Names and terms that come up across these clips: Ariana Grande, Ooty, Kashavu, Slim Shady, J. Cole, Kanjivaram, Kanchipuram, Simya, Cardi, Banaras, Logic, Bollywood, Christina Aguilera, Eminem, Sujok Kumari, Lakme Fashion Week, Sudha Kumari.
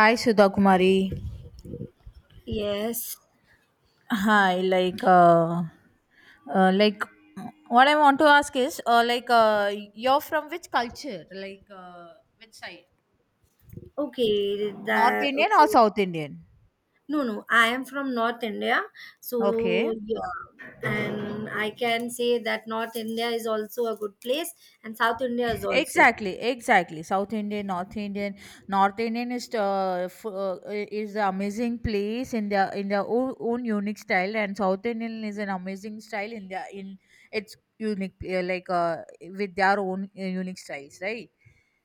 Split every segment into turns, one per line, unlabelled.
Hi, Sudha Kumari.
Yes.
Hi like what I want to ask is you're from which culture, which side,
Okay.
North
That
Indian or
okay.
South Indian?
No, no. I am from North India,
Okay,
so yeah, and I can say that North India is also a good place, and South India is also.
exactly, exactly. South Indian, North Indian. North Indian is is the amazing place in their own, own unique style, and South Indian is an amazing style in their in its unique, with their own unique styles, right?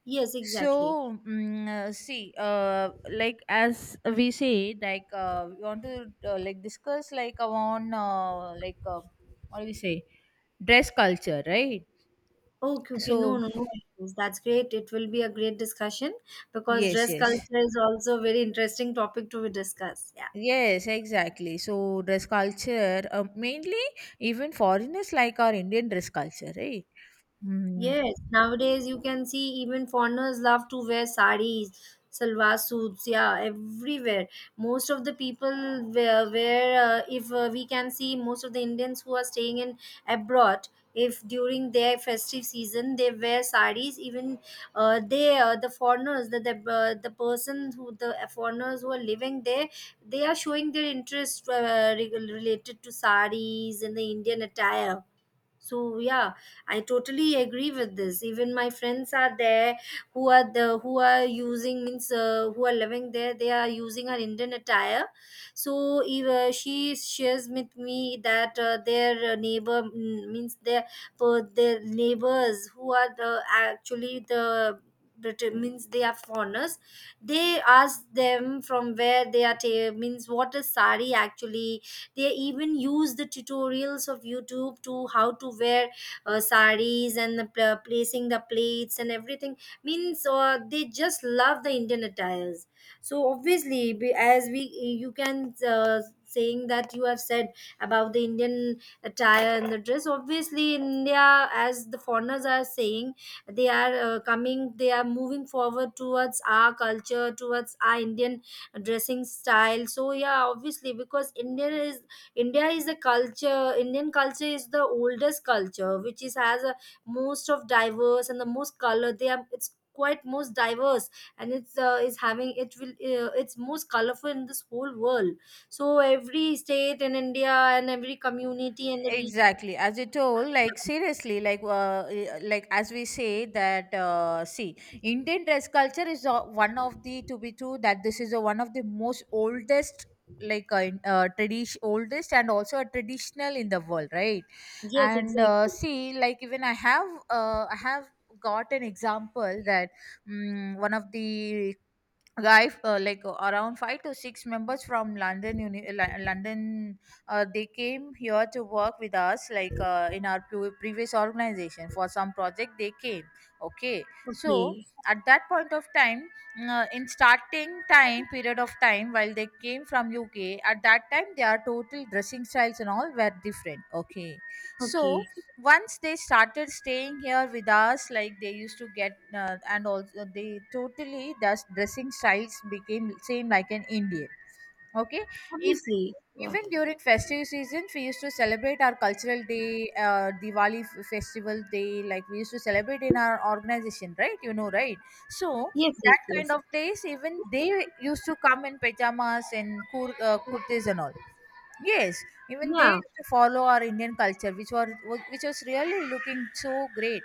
Yes,
So
exactly.
see, like as we say, we want to, like discuss like on like what do we say, dress culture, right?
Okay, okay. No,
So
no, no issues. That's great. It will be a great discussion because
yes,
dress
yes.
culture is also a very interesting topic to be discussed. Yeah.
Yes, exactly. So dress culture, mainly even foreigners like our Indian dress culture, right? Hmm.
Yes, nowadays you can see even foreigners love to wear saris, salwar suits, yeah, everywhere. Most of the people wear, if we can see most of the Indians who are staying in abroad. If during their festive season they wear saris, even the foreigners, the persons who are living there, they are showing their interest related to saris and the Indian attire, so yeah, I totally agree with this. Even my friends are there who are using, means who are living there, they are using her Indian attire. So if, she shares with me that their neighbor, means their their neighbors who are the actually the means they are foreigners. They ask them from where they are means what is sari actually. They even use the tutorials of YouTube to how to wear saris and the, placing the plates and everything, means they just love the Indian attires. So obviously, as we you can saying that you have said about the Indian attire and the dress. Obviously in India, as the foreigners are saying, they are coming, they are moving forward towards our culture, towards our Indian dressing style, so yeah, obviously, because India is a culture. Indian culture is the oldest culture, which is has a most of diverse and the most color. They are, it's quite most diverse, and it's is having it will it's most colorful in this whole world. So every state in India and every community and the region.
Exactly, as you told. Seriously, as we say that, see, Indian dress culture is, one of, the to be true, that this is one of the most oldest, tradition, oldest and also a traditional in the world, right?
Yes,
And
exactly.
see, like even I have I have got an example that one of the guy like around five to six members from London, they came here to work with us, in our previous organization for some project, they came. Okay, so
Okay,
at that point of time, in starting time, period of time while they came from UK, at that time their total dressing styles and all were different. Okay, so
okay.
once they started staying here with us, like they used to get and also they, totally their dressing styles became same like an Indian. Okay, if
Obviously, yeah.
even during festive seasons, we used to celebrate our cultural day, Diwali festival day, like we used to celebrate in our organization, right? You know, right? So
Yes, yes,
that kind
yes.
of days, even they used to come in pajamas and kurtis and all. Yes, even they
Yeah.
used to follow our Indian culture, which was, which was really looking so great.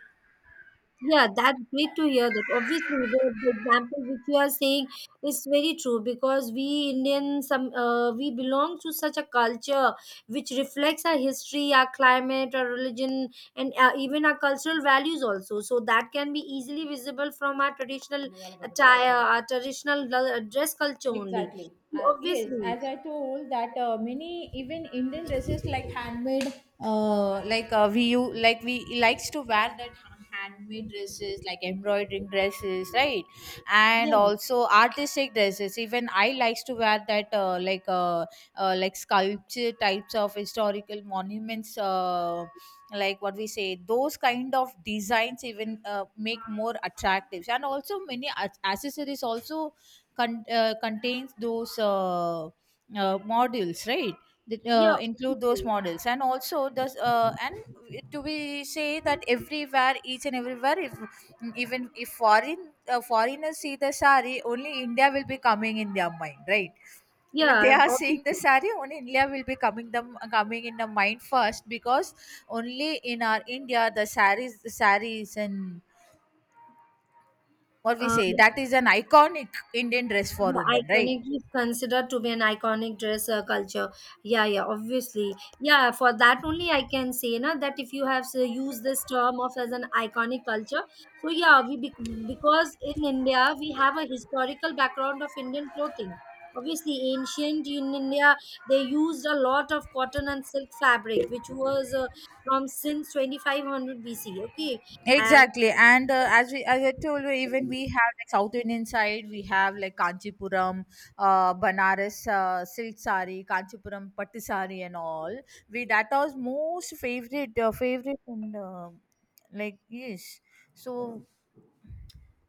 Yeah, that's great to hear that. Obviously, the example which you are saying is very true, because we Indians, some we belong to such a culture which reflects our history, our climate, our religion, and even our cultural values also. So that can be easily visible from our traditional attire, our traditional dress culture only.
Exactly.
So,
Yes,
obviously,
as I told that, many even Indian dresses like handmade, we likes to wear that handmade dresses like embroidering dresses, right? And
yeah,
also artistic dresses. Even I likes to wear that, like sculpture types of historical monuments. Like what we say, those kind of designs even make more attractive, and also many accessories also contains those, modules, right? That
yeah,
include those
obviously.
models and also does and to be say that everywhere, each and everywhere, if even if foreigners see the sari, only India will be coming in their mind, right? Even they
Yeah,
are seeing the
obviously.
sari, only India will be coming them, coming in the mind first, because only in our India the saris, the saris, and what we
Uh,
say, that is an iconic Indian dress for
Yeah,
women, right?
iconic is considered to be an iconic dress culture. Yeah, yeah, obviously. Yeah, for that only I can say na, that if you have say, used this term of as an iconic culture. So yeah, we bec because in India we have a historical background of Indian clothing. Obviously, ancient in India they used a lot of cotton and silk fabric, which was from since 2500 BC. Okay.
Exactly, and as I told you, even we have like South Indian side, we have like Kanchipuram, Banaras silk saree, Kanchipuram patti saree, and all. We, that was most favorite, favorite and yes. So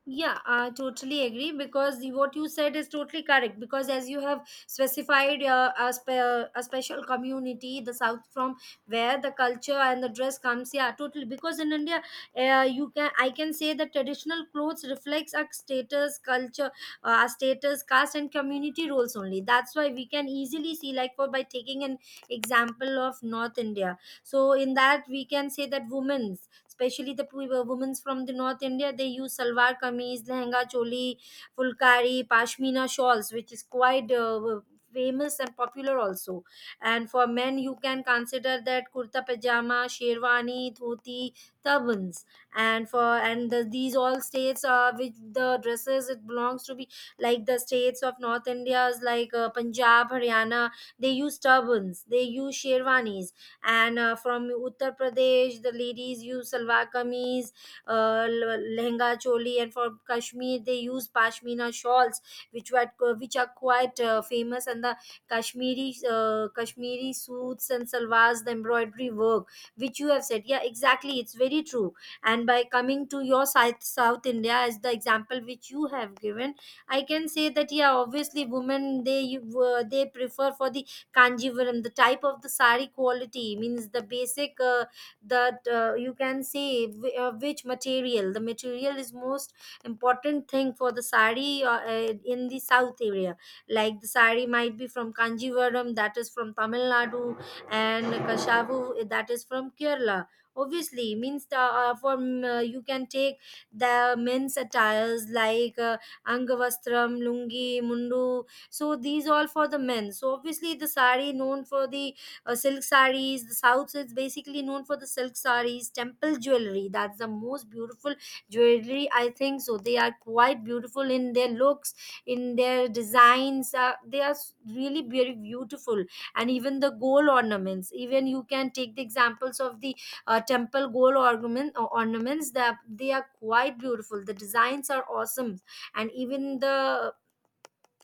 Yeah, I totally agree because what you said is totally correct. Because as you have specified a special community, the south from where the culture and the dress comes, yeah, totally. Because in India, you can I can say that traditional clothes reflects our status, culture, caste, and community roles only. That's why we can easily see, like for by taking an example of North India, so in that we can say that women's, especially women's from the north india, they use salwar kameez, lehenga choli, fulkari, pashmina shawls, which is quite famous and popular also. And for men you can consider that kurta pajama, sherwani, dhoti, turbans, and for and the, these all states are which the dresses it belongs to be, like the states of north india's, like punjab, haryana, they use turbans, they use sherwanis. And from Uttar Pradesh, the ladies use salwar kameez, lehenga choli, and from Kashmir they use pashmina shawls, which were which are quite famous, and the Kashmiri suits and salwars, the embroidery work, which you have said, yeah, exactly, it's very true. And by coming to your South India as the example which you have given, I can say that yeah, obviously women they they prefer for the Kanjivaram, the type of the sari quality, means the basic that you can say which material. The material is most important thing for the sari in the south area. Like the sari might be from Kanjivaram, that is from Tamil Nadu, and Kashavu, eh, that is from Kerala. Obviously, means the, from you can take the men's attires like angavastram, lungi, mundu. So these all for the men, so obviously the sari known for the silk saris. The south is basically known for the silk saris, temple jewelry. That's the most beautiful jewelry, I think so. They are quite beautiful in their looks, in their designs. They are really very beautiful. And even the gold ornaments, even you can take the examples of the temple gold ornament or ornaments, that they are quite beautiful. The designs are awesome. And even the,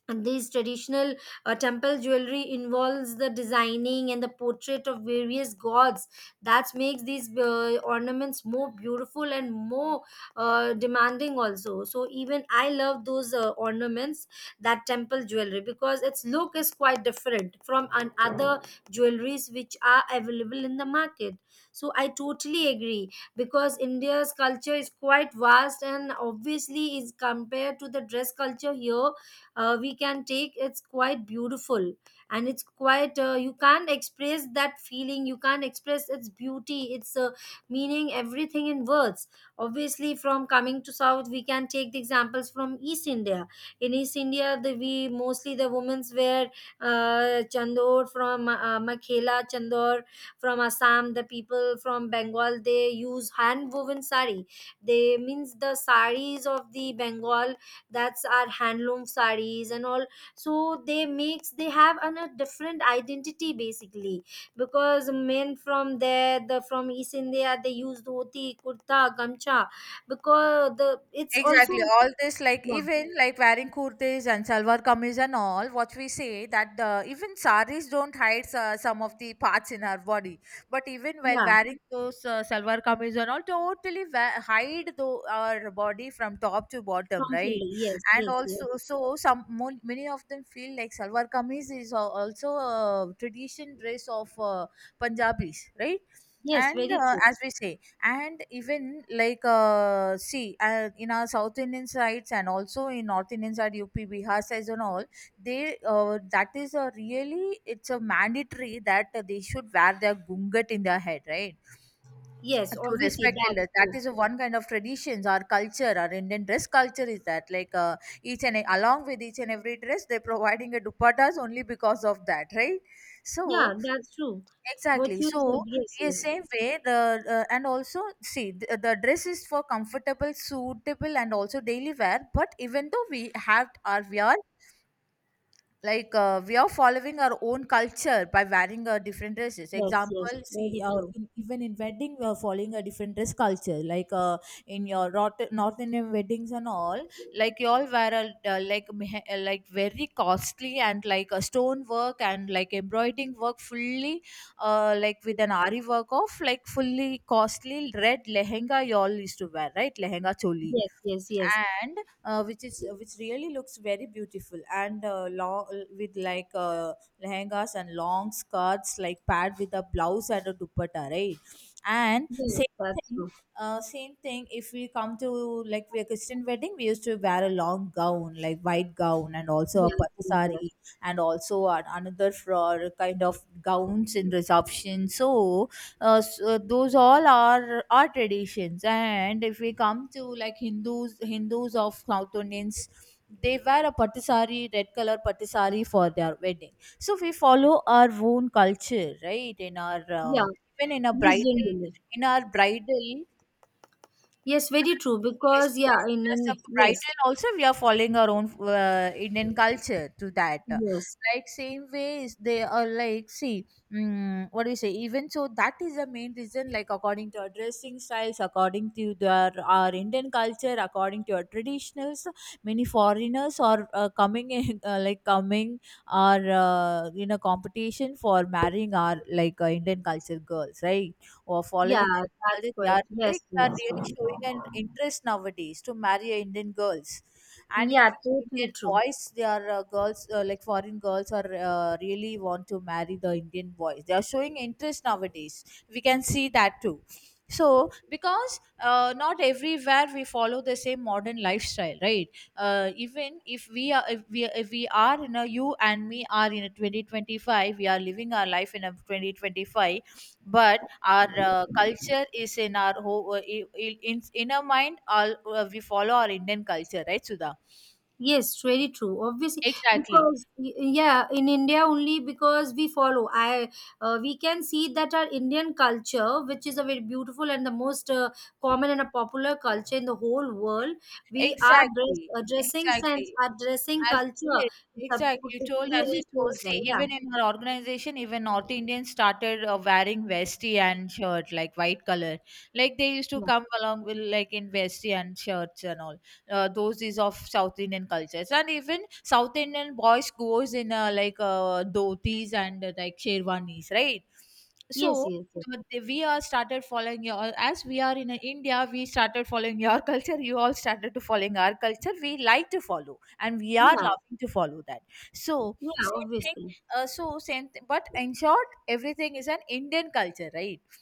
and these traditional temple jewelry involves the designing and the portrait of various gods that makes these ornaments more beautiful and more demanding also. So even I love those ornaments, that temple jewelry, because its look is quite different from an other jewelries which are available in the market. So I totally agree because india's culture is quite vast, and obviously is compared to the dress culture here, we can take it's quite beautiful, and it's quite you can't express that feeling, you can't express its beauty, its meaning, everything in words. Obviously from coming to south we can take the examples from east india. In east india, the we mostly the women's wear chandor from makhela chandor from Assam. The people from Bengal they use hand woven sari, they means the saris of the Bengal, that's our handloom sarees and all. So they makes, they have an, a different identity basically, because men from there the from east india they use dhoti, kurta, gamcha, because the it's also
exactly. All this, like
yeah,
even like wearing kurtis and salwar kameez and all, what we say, that the even saris don't hide some of the parts in our body. But even while
yeah
wearing those salwar kameez and all, totally hide the, our body from top to bottom,
from
right?
Philly. Yes,
And
yes, yes.
also, so some many of them feel like salwar kameez is also a tradition dress of Punjabis, right?
Yes,
And
very true.
as we say, and even like see in our South Indian sides, and also in North Indian side, UP, Bihar sides and all, they that is a really, it's a mandatory that they should wear their gungat in their head, right?
Yes,
To
obviously,
respect
that's
elders, that
true.
is a one kind of traditions. Our culture, our Indian dress culture is that, each and e, along with each and every dress, they're providing a dupattas only because of that, right?
Yeah,
So
that's true. What
exactly.
you
So
said, yes,
yes,
yes.
same way the and also see the dress is for comfortable, suitable, and also daily wear. But even though we have our wear, we are following our own culture by wearing different dresses,
Yes, yes,
example,
very
see,
true.
in, even in wedding, we are following a different dress culture. In your North Indian weddings and all, like you all wear a, like very costly and like a stone work and like embroidering work fully, like with an ari work of like fully costly red lehenga. You all used to wear, right? Lehenga choli,
Yes, yes, yes.
and which is, which really looks very beautiful, and long with lehengas and long skirts, like paired with a blouse and a dupatta, right? And
Yes,
same
that's
thing,
true.
same thing, if we come to like a Christian wedding, we used to wear a long gown, like white gown, and also a
Yes,
pattu
yes, yes.
sari, and also another for kind of gowns in reception. So so those all are traditions. And if we come to like Hindus, Hindus of South Indians, they wear a patti sari, red color patti sari for their wedding. So we follow our own culture, right? In our
Yeah.
even in a
Yes,
bridal,
generally.
in our bridal.
Yes, very true.
Yes,
Because yeah,
even as a
in yes,
bridal also, we are following our own Indian culture to that.
yes,
Like same ways they are, like, see what do you say? Even so, that is the main reason. Like according to our dressing styles, according to their, our Indian culture, according to our traditionals, many foreigners are coming in coming or in a competition for marrying our Indian culture girls, right? Or
yeah,
following
that's
Kalyan, they
right.
are,
Yes,
like they are
yes, true.
really showing an interest nowadays to marry a Indian girls, and
Yeah,
even
totally
Indian
true.
boys, they are girls like foreign girls are really want to marry the Indian boys. They are showing interest nowadays. We can see that too. So because not everywhere we follow the same modern lifestyle, right? Even if we are in a, you and me are in a 2025, we are living our life in a 2025, but our culture is in our whole, in inner mind, all we follow our Indian culture, right, Sudha?
Yes, very true. Obviously,
Exactly,
because yeah, in India only because we follow. I we can see that our Indian culture, which is a very beautiful and the most common and a popular culture in the whole world, we are dress,
exactly,
dressing sense,
exactly.
our dressing
As
culture.
yes,
It's a,
exactly. You
it
told, as you
clearly
told,
shows
see,
that. Yeah,
even in our organization, even North Indians started wearing vesti and shirt, like white color. Like they used to
yeah.
come along with like in vesti and shirts and all. Those is of South Indian cultures, and even South Indian boys goes in dhotis and sherwanis, right? So
Yes, yes, yes.
they, we are started following your, as we are in India, we started following your culture, you all started to following our culture, we like to follow, and we are
Yeah.
loving to follow that. So
Yeah,
same thing,
obviously.
so same thing, but in short, everything is an Indian culture, right?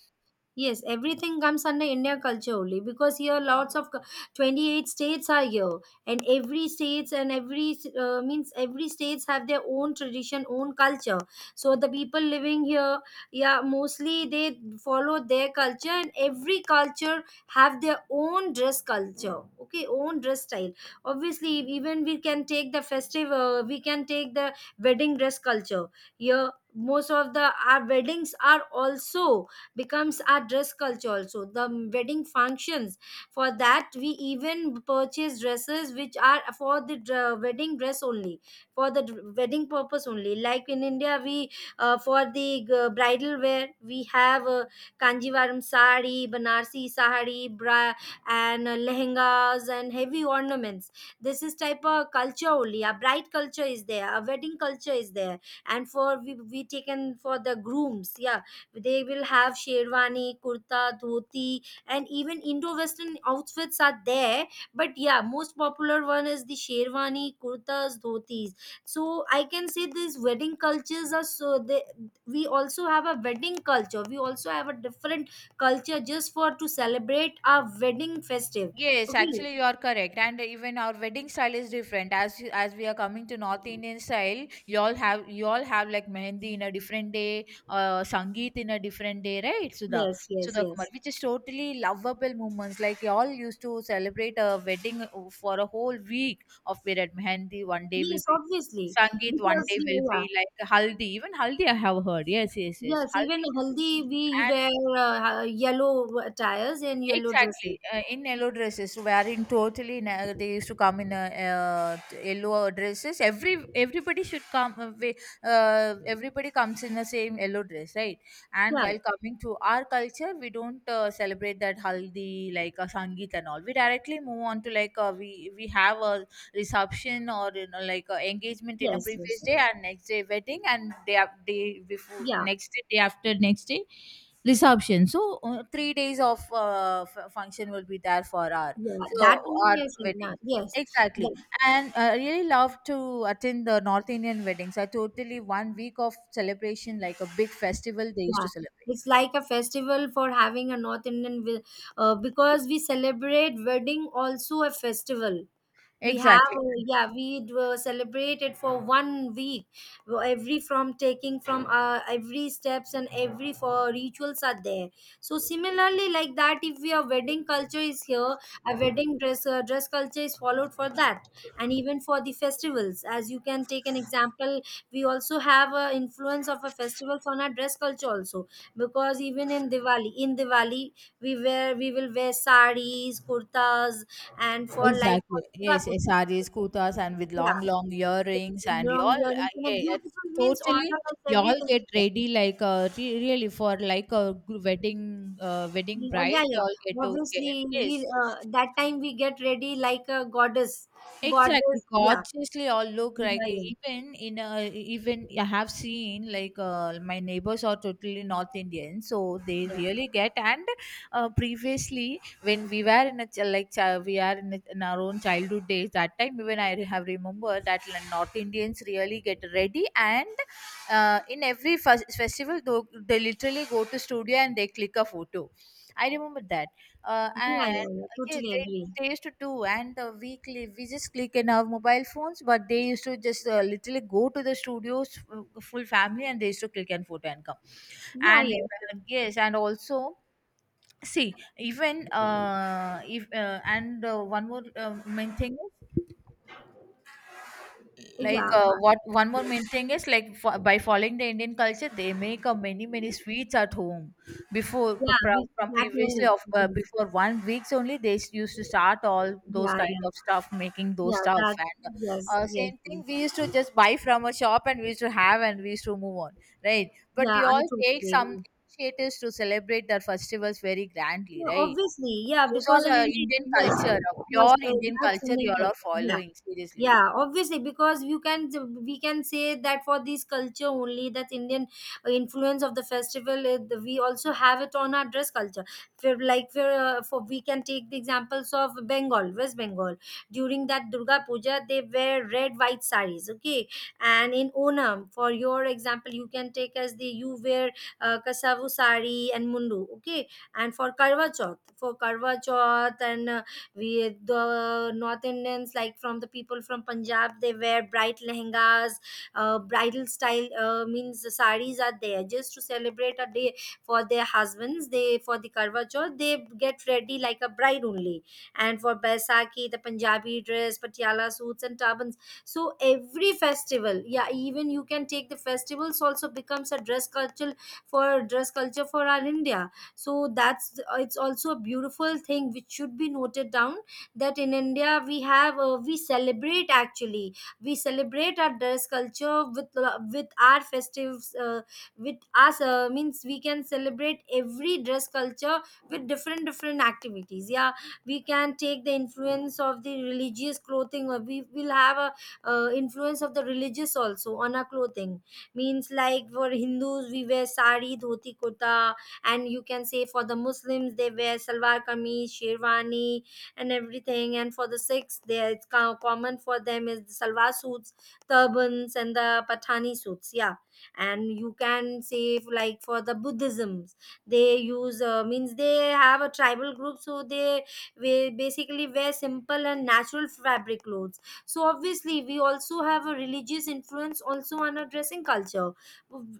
Yes, everything comes under India culture only because here lots of 28 states are here, and every states and every means every states have their own tradition, own culture. So the people living here, yeah, mostly they follow their culture, and every culture have their own dress culture, okay, own dress style. Obviously, even we can take the festive, we can take the wedding dress culture. Here, most of the our weddings are also becomes our dress culture also, the wedding functions, for that we even purchase dresses which are for the wedding dress only, for the wedding purpose only. Like in india we for the bridal wear we have kanjivaram sari, banarsi sari, bra, and lehengas and heavy ornaments. This is type of culture only, a bride culture is there, a wedding culture is there. And for we taken for the grooms, yeah, they will have sherwani, kurta, dhoti, and even Indo-Western outfits are there. But yeah, most popular one is the sherwani, kurtas, dhotis. So I can say these wedding cultures are, so they, we also have a wedding culture. We also have a different culture just for to celebrate our wedding festive.
Yes,
Okay.
actually you are correct, and even our wedding style is different. As we are coming to North Indian style, you all have, you all have like mehendi in a different day, sangeet in a different day, right? Sudha,
Yes, yes,
Sudha Kumar,
yes.
which is totally lovable moments. Like you all used to celebrate a wedding for a whole week of period. Mehendi one day
Yes,
will be
obviously.
sangeet, one
Because
day
yeah,
will
yeah.
be like haldi. Even haldi, I have heard. Yes, yes, yes,
Yes, even
haldi.
haldi we wear yellow attires and yellow dresses.
Exactly, in yellow dresses, wearing totally. They used to come in yellow dresses. Every, everybody should come. Everybody comes in the same yellow dress, right? And
Yeah,
while coming to our culture, we don't celebrate that haldi like a sangeet and all. We directly move on to like uh, we have a reception or like a engagement in a
yes, yes.
previous day
Yes.
and next day wedding and day up day before
Yeah,
next day day after next day reception. So 3 days of uh, function will be there for our
yeah.
so
That
our
only I said now.
wedding,
Yes.
exactly.
That,
And I really love to attend the North Indian weddings. I totally one week of celebration like a big festival they used
yeah.
to celebrate.
It's like a festival for having a North Indian, because we celebrate wedding also a festival. We have
Exactly,
celebrate it for 1 week. Every from taking from every steps and every for rituals are there, so similarly like that if we are wedding culture is here, a wedding dress dress culture is followed for that. And even for the festivals, as you can take an example, we also have a influence of a festival on our dress culture also, because even in diwali we wear we will wear saris, kurtas, and for like
exactly,
for Durga
yes, yes,
Puja.
sarees kutas and with
Yeah,
long earrings and
long
y'all
earrings and a
yeah,
beautiful means
totally.
ornaments,
Y'all
everything is
get
there.
ready like uh, really for like a wedding, wedding
Yeah, yeah,
bride y'all
yeah.
get to get,
Obviously,
yes.
we that time we get ready like a goddess.
Exactly,
Yeah,
gorgeously all look like
yeah, yeah,
even in a, even I have seen like my neighbors are totally North Indian, so they
yeah,
really get. And previously, when we were in a we are in, a, in our own childhood days, that time even I have remember that like, North Indians really get ready. And in every festival, though they literally go to studio and they click a photo. I remember that,
yeah, yeah,
and
yeah.
yes,
Totally agree.
they used to do. And we just click in our mobile phones, but they used to just literally go to the studios full family and they used to click and photo and come.
Yeah,
And
yeah,
yes, and also see. Even if and one more main thing, like
yeah,
what one more main thing is like by following the Indian culture, they make many many sweets at home before
yeah. We,
from
that
previously
only.
of
Yes.
before one weeks only. They used to start all those
Yeah,
kind
yeah,
of stuff making those
yeah.
stuff.
That,
And
yes, yes,
same
yes.
thing we used to just buy from a shop and we used to have and we used to move on, right? But
Yeah,
you
I
all
totally
take some
agree.
initiatives to celebrate their festivals very grandly,
Yeah,
right?
obviously, yeah,
Those
because
all
in India,
indian
yes,
culture
it
pure
was
Indian
that's
culture
Indian
you all are
culture. Yeah,
following seriously,
yeah, obviously, because you can we can say that for this culture only, that Indian influence of the festival, we also have it on our dress culture. For, like for we can take the examples of bengal West Bengal. During that Durga Puja they wear red white saris. Okay. And in Onam, for your example you can take as the, you wear kasavu sari and mundu. Okay. And for Karwa Chauth, and we the North Indians, like from the people from Punjab, they wear bright lehengas, bridal style, means the saris are there just to celebrate a day for their husbands. They for the Karwa Chauth they get ready like a bride only. And for Baisakhi the Punjabi dress, patiala suits and turbans. So every festival, yeah, even you can take the festivals also becomes a for dress culture for our India. So that's it's also a beautiful thing which should be noted down, that in India we have we celebrate our dress culture with with our festives, with us means we can celebrate every dress culture with different different activities. Yeah, we can take the influence of the religious clothing, or we will have a influence of the religious also on our clothing. Means like for Hindus we wear sari, dhoti, kurta, and you can say for the Muslims they wear salwar kameez, sherwani and everything, and for the Sikhs there it's common for them is the salwar suits, turbans and the pathani suits. Yeah, and you can say like for the Buddhisms they use means they have a tribal group, so they we basically wear simple and natural fabric clothes. So obviously we also have a religious influence also on our dressing culture.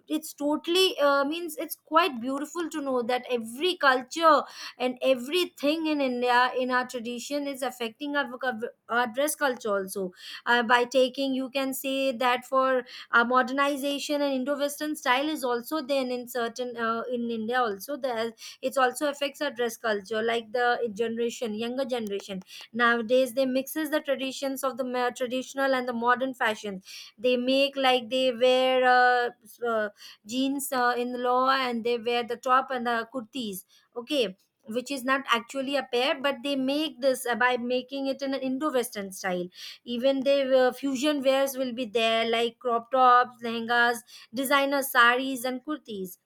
It's totally means it's quite beautiful to know that every culture and everything in India in our tradition is affecting our, our dress culture also. By taking, you can say that for modernization and Indo-Western style is also then in certain in India also. There it's also affects our dress culture, like the generation, younger generation nowadays, they mixes the traditions of the traditional and the modern fashion. They make like they wear jeans in the law, and they wear the top and the kurtis. Okay, which is not actually a pair, but they make this by making it in an Indo-Western style. Even the fusion wears will be there, like crop tops, lehengas, designer saris and kurtis.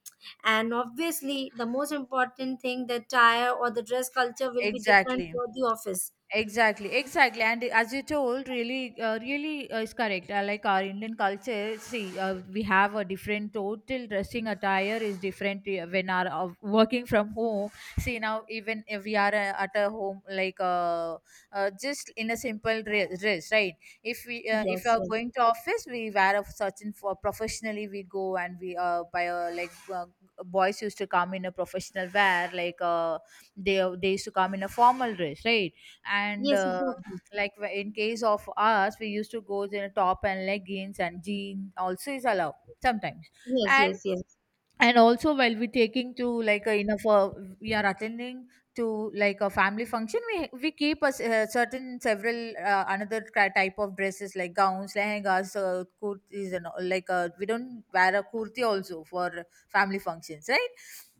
And obviously the most important thing, the attire or the dress culture will be different
exactly.
for the office.
Exactly, exactly, and as you told, really, is correct. Like our Indian culture, see, we have a different total dressing attire is different when our working from home. See now, even if we are at a home, like just in a simple dress, right? If we if
Yes,
you are
yes,
going to office, we wear a certain for professionally. We go and we buy a like boys used to come in a professional wear, like they used to come in a formal dress, right? And
yes, exactly,
like in case of us we used to go in a top and leggings, and jeans also is allowed sometimes.
yes,
and
yes, yes,
and also while we taking to like a, enough we are attending to like a family function, we keep a, certain several another type of dresses like gowns, lehengas, kurtis and all. Like we don't wear a kurti also for family functions, right?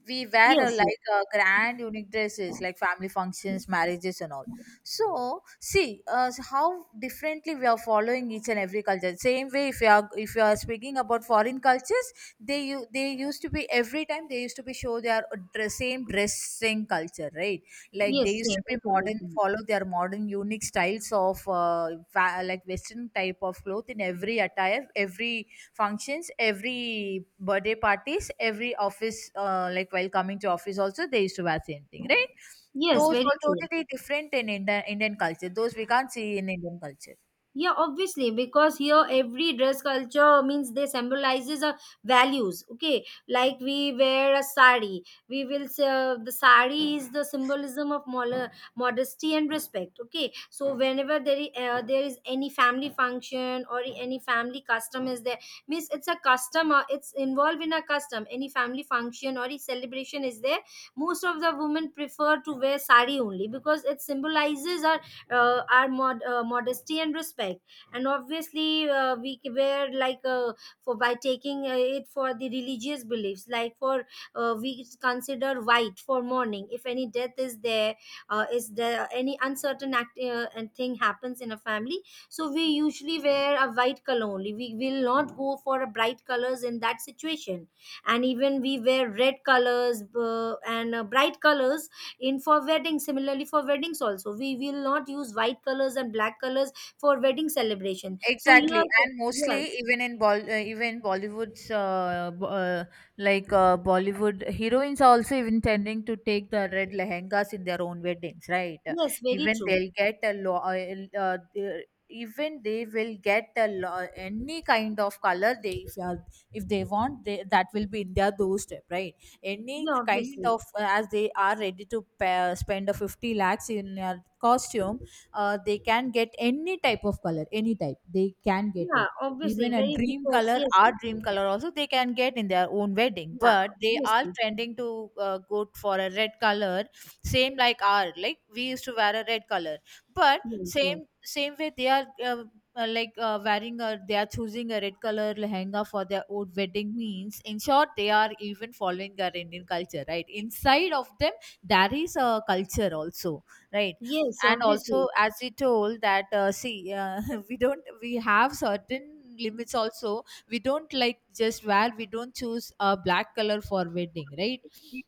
We wear a,
yes, yes.
like a grand unique dresses like family functions, marriages and all. So see, how differently we are following each and every culture. Same way, if you are speaking about foreign cultures, they they used to be every time they used to be show their dress, same dressing culture, right? Like they
Yes,
used
same.
to
That
be
will
modern,
be
follow their modern unique styles of like Western type of cloth in every attire, every functions, every birthday parties, every office, like while coming to office also they used to wear same thing, right?
yes,
Those
very
are
true.
totally different in Indian Indian culture. Those we can't see in Indian culture.
Yeah, obviously, because here every dress culture means they symbolizes values. Okay, like we wear a sari, we will say the sari is the symbolism of modesty and respect. Okay, so whenever there is any family function or any family custom is there, means it's a custom. It's involved in a custom. Any family function or a celebration is there. Most of the women prefer to wear sari only because it symbolizes a our modesty and respect. And obviously were like for, by taking it for the religious beliefs, like for we consider white for mourning. If any death is there, is there any uncertain act and thing happens in a family, so we usually wear a white color only. We will not go for a bright colors in that situation. And even we wear red colors and bright colors in for weddings. Similarly for weddings also we will not use white colors and black colors for wedding celebration. So here
Exactly, and
yes,
mostly even in Bol even Bollywood's like Bollywood heroines are also even tending to take the red lehengas in their own weddings, right?
yes, very
Even
true.
they'll get a even they will get a any kind of color they if they want they, that will be in their doorstep, right? Any
Yeah,
kind
obviously.
of as they are ready to pay, spend a 50 lakhs in a costume, they can get any type of color, any type they can get
Yeah,
it.
obviously
Even a
very,
dream
because
color,
yes,
our dream color also they can get in their own wedding,
yeah,
but they are
obviously.
trending to go for a red color. Same like our, like we used to wear a red color, but
Yeah, yeah.
same way they are like wearing a, they are choosing a red color lehenga for their own wedding. Means in short they are even following our Indian culture, right? Inside of them there is a culture also, right?
Yes,
And also
obviously.
as we told that see we don't, we have certain limits also. We don't like just wear, we don't choose a black color for wedding, right?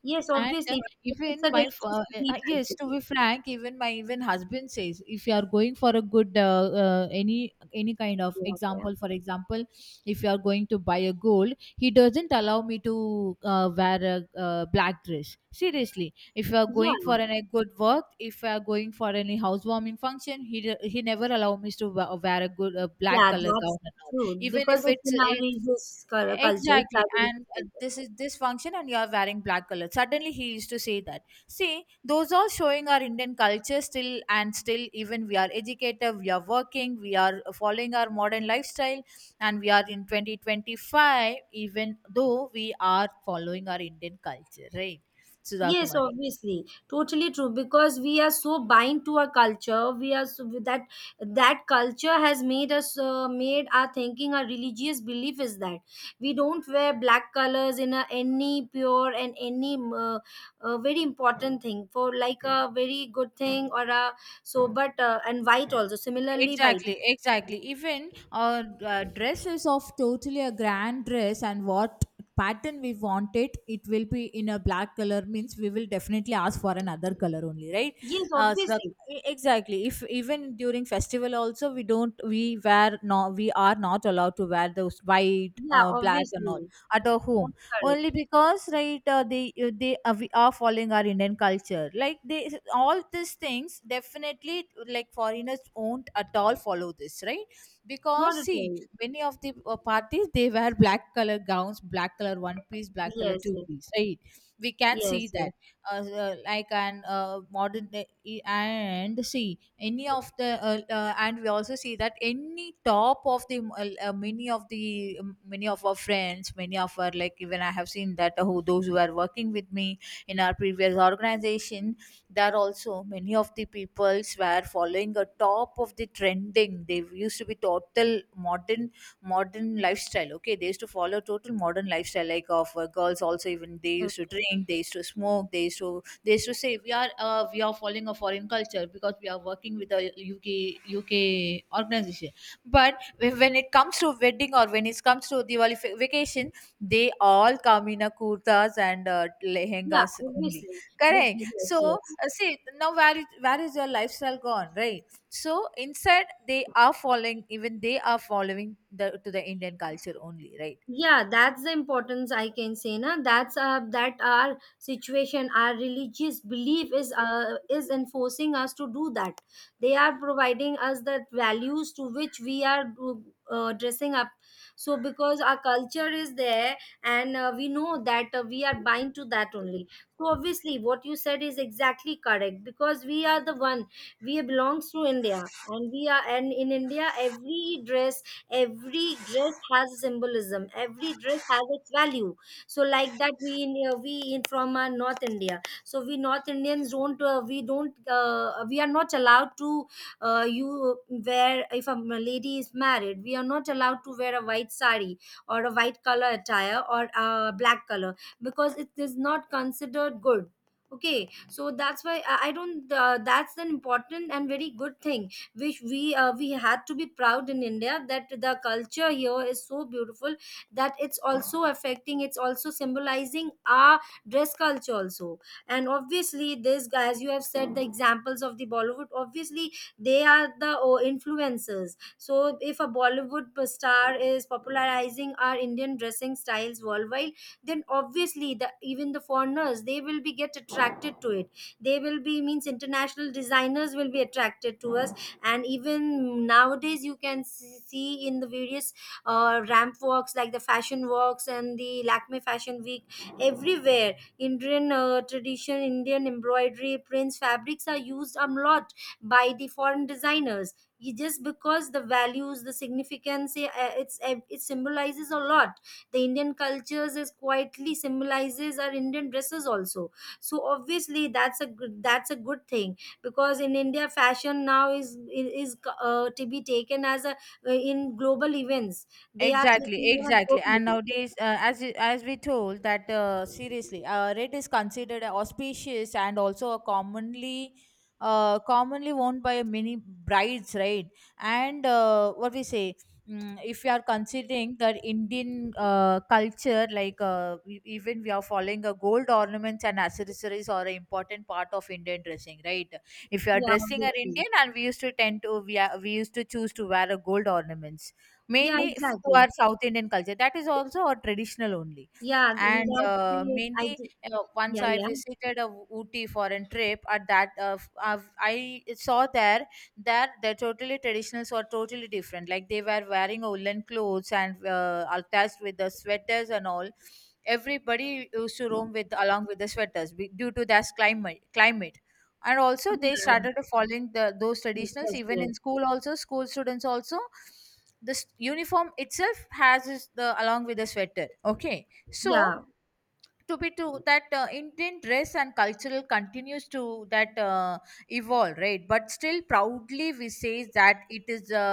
Yes,
And
obviously, it's a
even my
religious belief
yes, to
actually.
be frank, even my even husband says if you are going for a good uh, any any kind of
Yeah, yeah,
example, for example, if you are going to buy a gold, he doesn't allow me to wear a black dress, seriously. If we are going
yeah,
for any good work, if we are going for any housewarming function, he he never allow me to wear a good a black
yeah,
color
that's
gown and all.
true
Even
because
if
it's
it's
in our
if,
religious culture, it's
exactly,
our religious
and
culture.
this is this function and you are wearing black color, suddenly he used to say that. See, those all showing our Indian culture still, and still even we are educated, we are working, we are following our modern lifestyle, and we are in 2025, even though we are following our Indian culture, right, Sudha?
Yes, obviously, totally true. Because we are so bind to our culture, we are so, that that culture has made us made our thinking, our religious belief is that we don't wear black colors in a, any pure and any very important thing, for like a very good thing or a so, but and white also similarly white.
Exactly, exactly. Even our dress is of totally a grand dress, and what pattern we want it, it will be in a black color. Means we will definitely ask for another color only, right?
Yes,
So
obviously.
the, exactly. If even during festival also we don't we wear no, we are not allowed to wear those white,
Yeah,
black and all
obviously.
at our
That's
home
correct.
only, because, right, they are, we are following our Indian culture like they. All these things, definitely, like foreigners won't at all follow this, right? Because
Not at
see,
all.
many of the parties they wear black color gowns, black color one piece, black color
Yes,
two
yes,
piece, right? We can see
yes, yes.
that like an modern, and see any of the and we also see that any top of the many of the many of our friends, many of our, like, even I have seen that who those who are working with me in our previous organization. There also many of the peoples were following a top of the trending. They used to be total modern, modern lifestyle, okay. They used to follow total modern lifestyle, like of girls also. Even they used to
Okay.
drink, they used to smoke, they used to, they used to say we are following a foreign culture because we are working with a uk UK organization. But when it comes to wedding, or when it comes to Diwali vacation, they all come in a kurtas and
Yeah,
lehengas only,
obviously.
correct?
Yes,
So
yes.
see now, where is your lifestyle gone, right? So instead they are following, even they are following the to the Indian culture only, right?
Yeah, that's the importance I can say. Na, that's that our situation, our religious belief is enforcing us to do that. They are providing us the values to which dressing up. So, because our culture is there, and we know that we are bind to that only. So, obviously, what you said is exactly correct, because we are the one, we belongs to India, and we are, and in India every dress has symbolism, every dress has its value. So like that we in from North India, so we North Indians don't we are not allowed to you wear if a lady is married, we are not allowed to wear a white sari or a white color attire or a black color, because it is not considered good. Okay, so that's why I don't that's an important and very good thing which we had to be proud in India, that the culture here is so beautiful, that it's also symbolizing our dress culture also. And obviously this, as you have said, the examples of the Bollywood, obviously they are the influencers. So if a Bollywood star is popularizing our Indian dressing styles worldwide, then obviously the even the foreigners, they will be get attracted to it. They will be means international designers will be attracted to us. And even nowadays you can see, see in the various ramp walks, like the fashion walks and the Lakme Fashion Week, everywhere Indian tradition, Indian embroidery, prints, fabrics are used a lot by the foreign designers. You- just because the values, the significance, it symbolizes a lot. The Indian cultures is quietly symbolizes our Indian dresses also. So obviously that's a good thing, because in India fashion now is to be taken as a in global events, they are
Exactly,
taking more
exactly. And
globally.
nowadays, as we told that seriously, red is considered auspicious and also a commonly commonly worn by many brides, right? And what we say, mm, if we are considering that Indian culture, like we, even we are following a gold ornaments and accessories are an important part of Indian dressing, right? If you are
Yeah,
dressing an
obviously.
Indian, and we used to tend to, we are, we used to choose to wear a gold ornaments
Yeah,
mainly to our
exactly.
South Indian culture. That is also our traditional only.
Yeah, in
And
that case
mainly, you know, once
yeah,
I
yeah,
visited a Ooty for a trip. At that, I saw there that the totally traditionals were totally different. Like they were wearing woolen clothes and attached with the sweaters and all. Everybody used to roam with along with the sweaters due to their climate. Climate, and also they
yeah,
started following the, those
yes,
traditionals
yes,
even
yes,
in school also, school students also this uniform itself has is the along with the sweater, okay? So
yeah.
to be to that Indian dress and cultural continues to that evolve, right? But still proudly we say that it is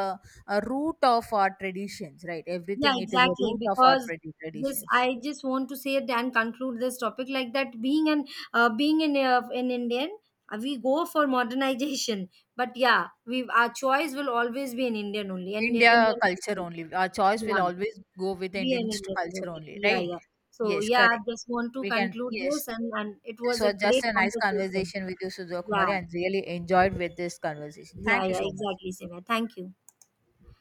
a root of our traditions, right?
Yeah,
Everything, it is a
exactly.
root of our
Because this,
traditions.
I just want to say it and conclude this topic like that. Being an being in Indian, we go for modernization, but yeah, we our choice will always be in Indian only and
India
Indian
culture
people.
only, our choice will
Yeah,
always go with
be
Indian
an Indian.
culture
Okay.
only,
Yeah,
right?
yeah. So
Yes,
yeah, I
correct,
just want to
we can,
conclude
yes.
this, and it
This
was a
was just
great
a nice
conversation.
conversation with you, Sujok Kumari,
Yeah,
and really enjoyed with this conversation.
yeah,
Thank you
yeah.
so much.
Exactly, Simya. Thank you.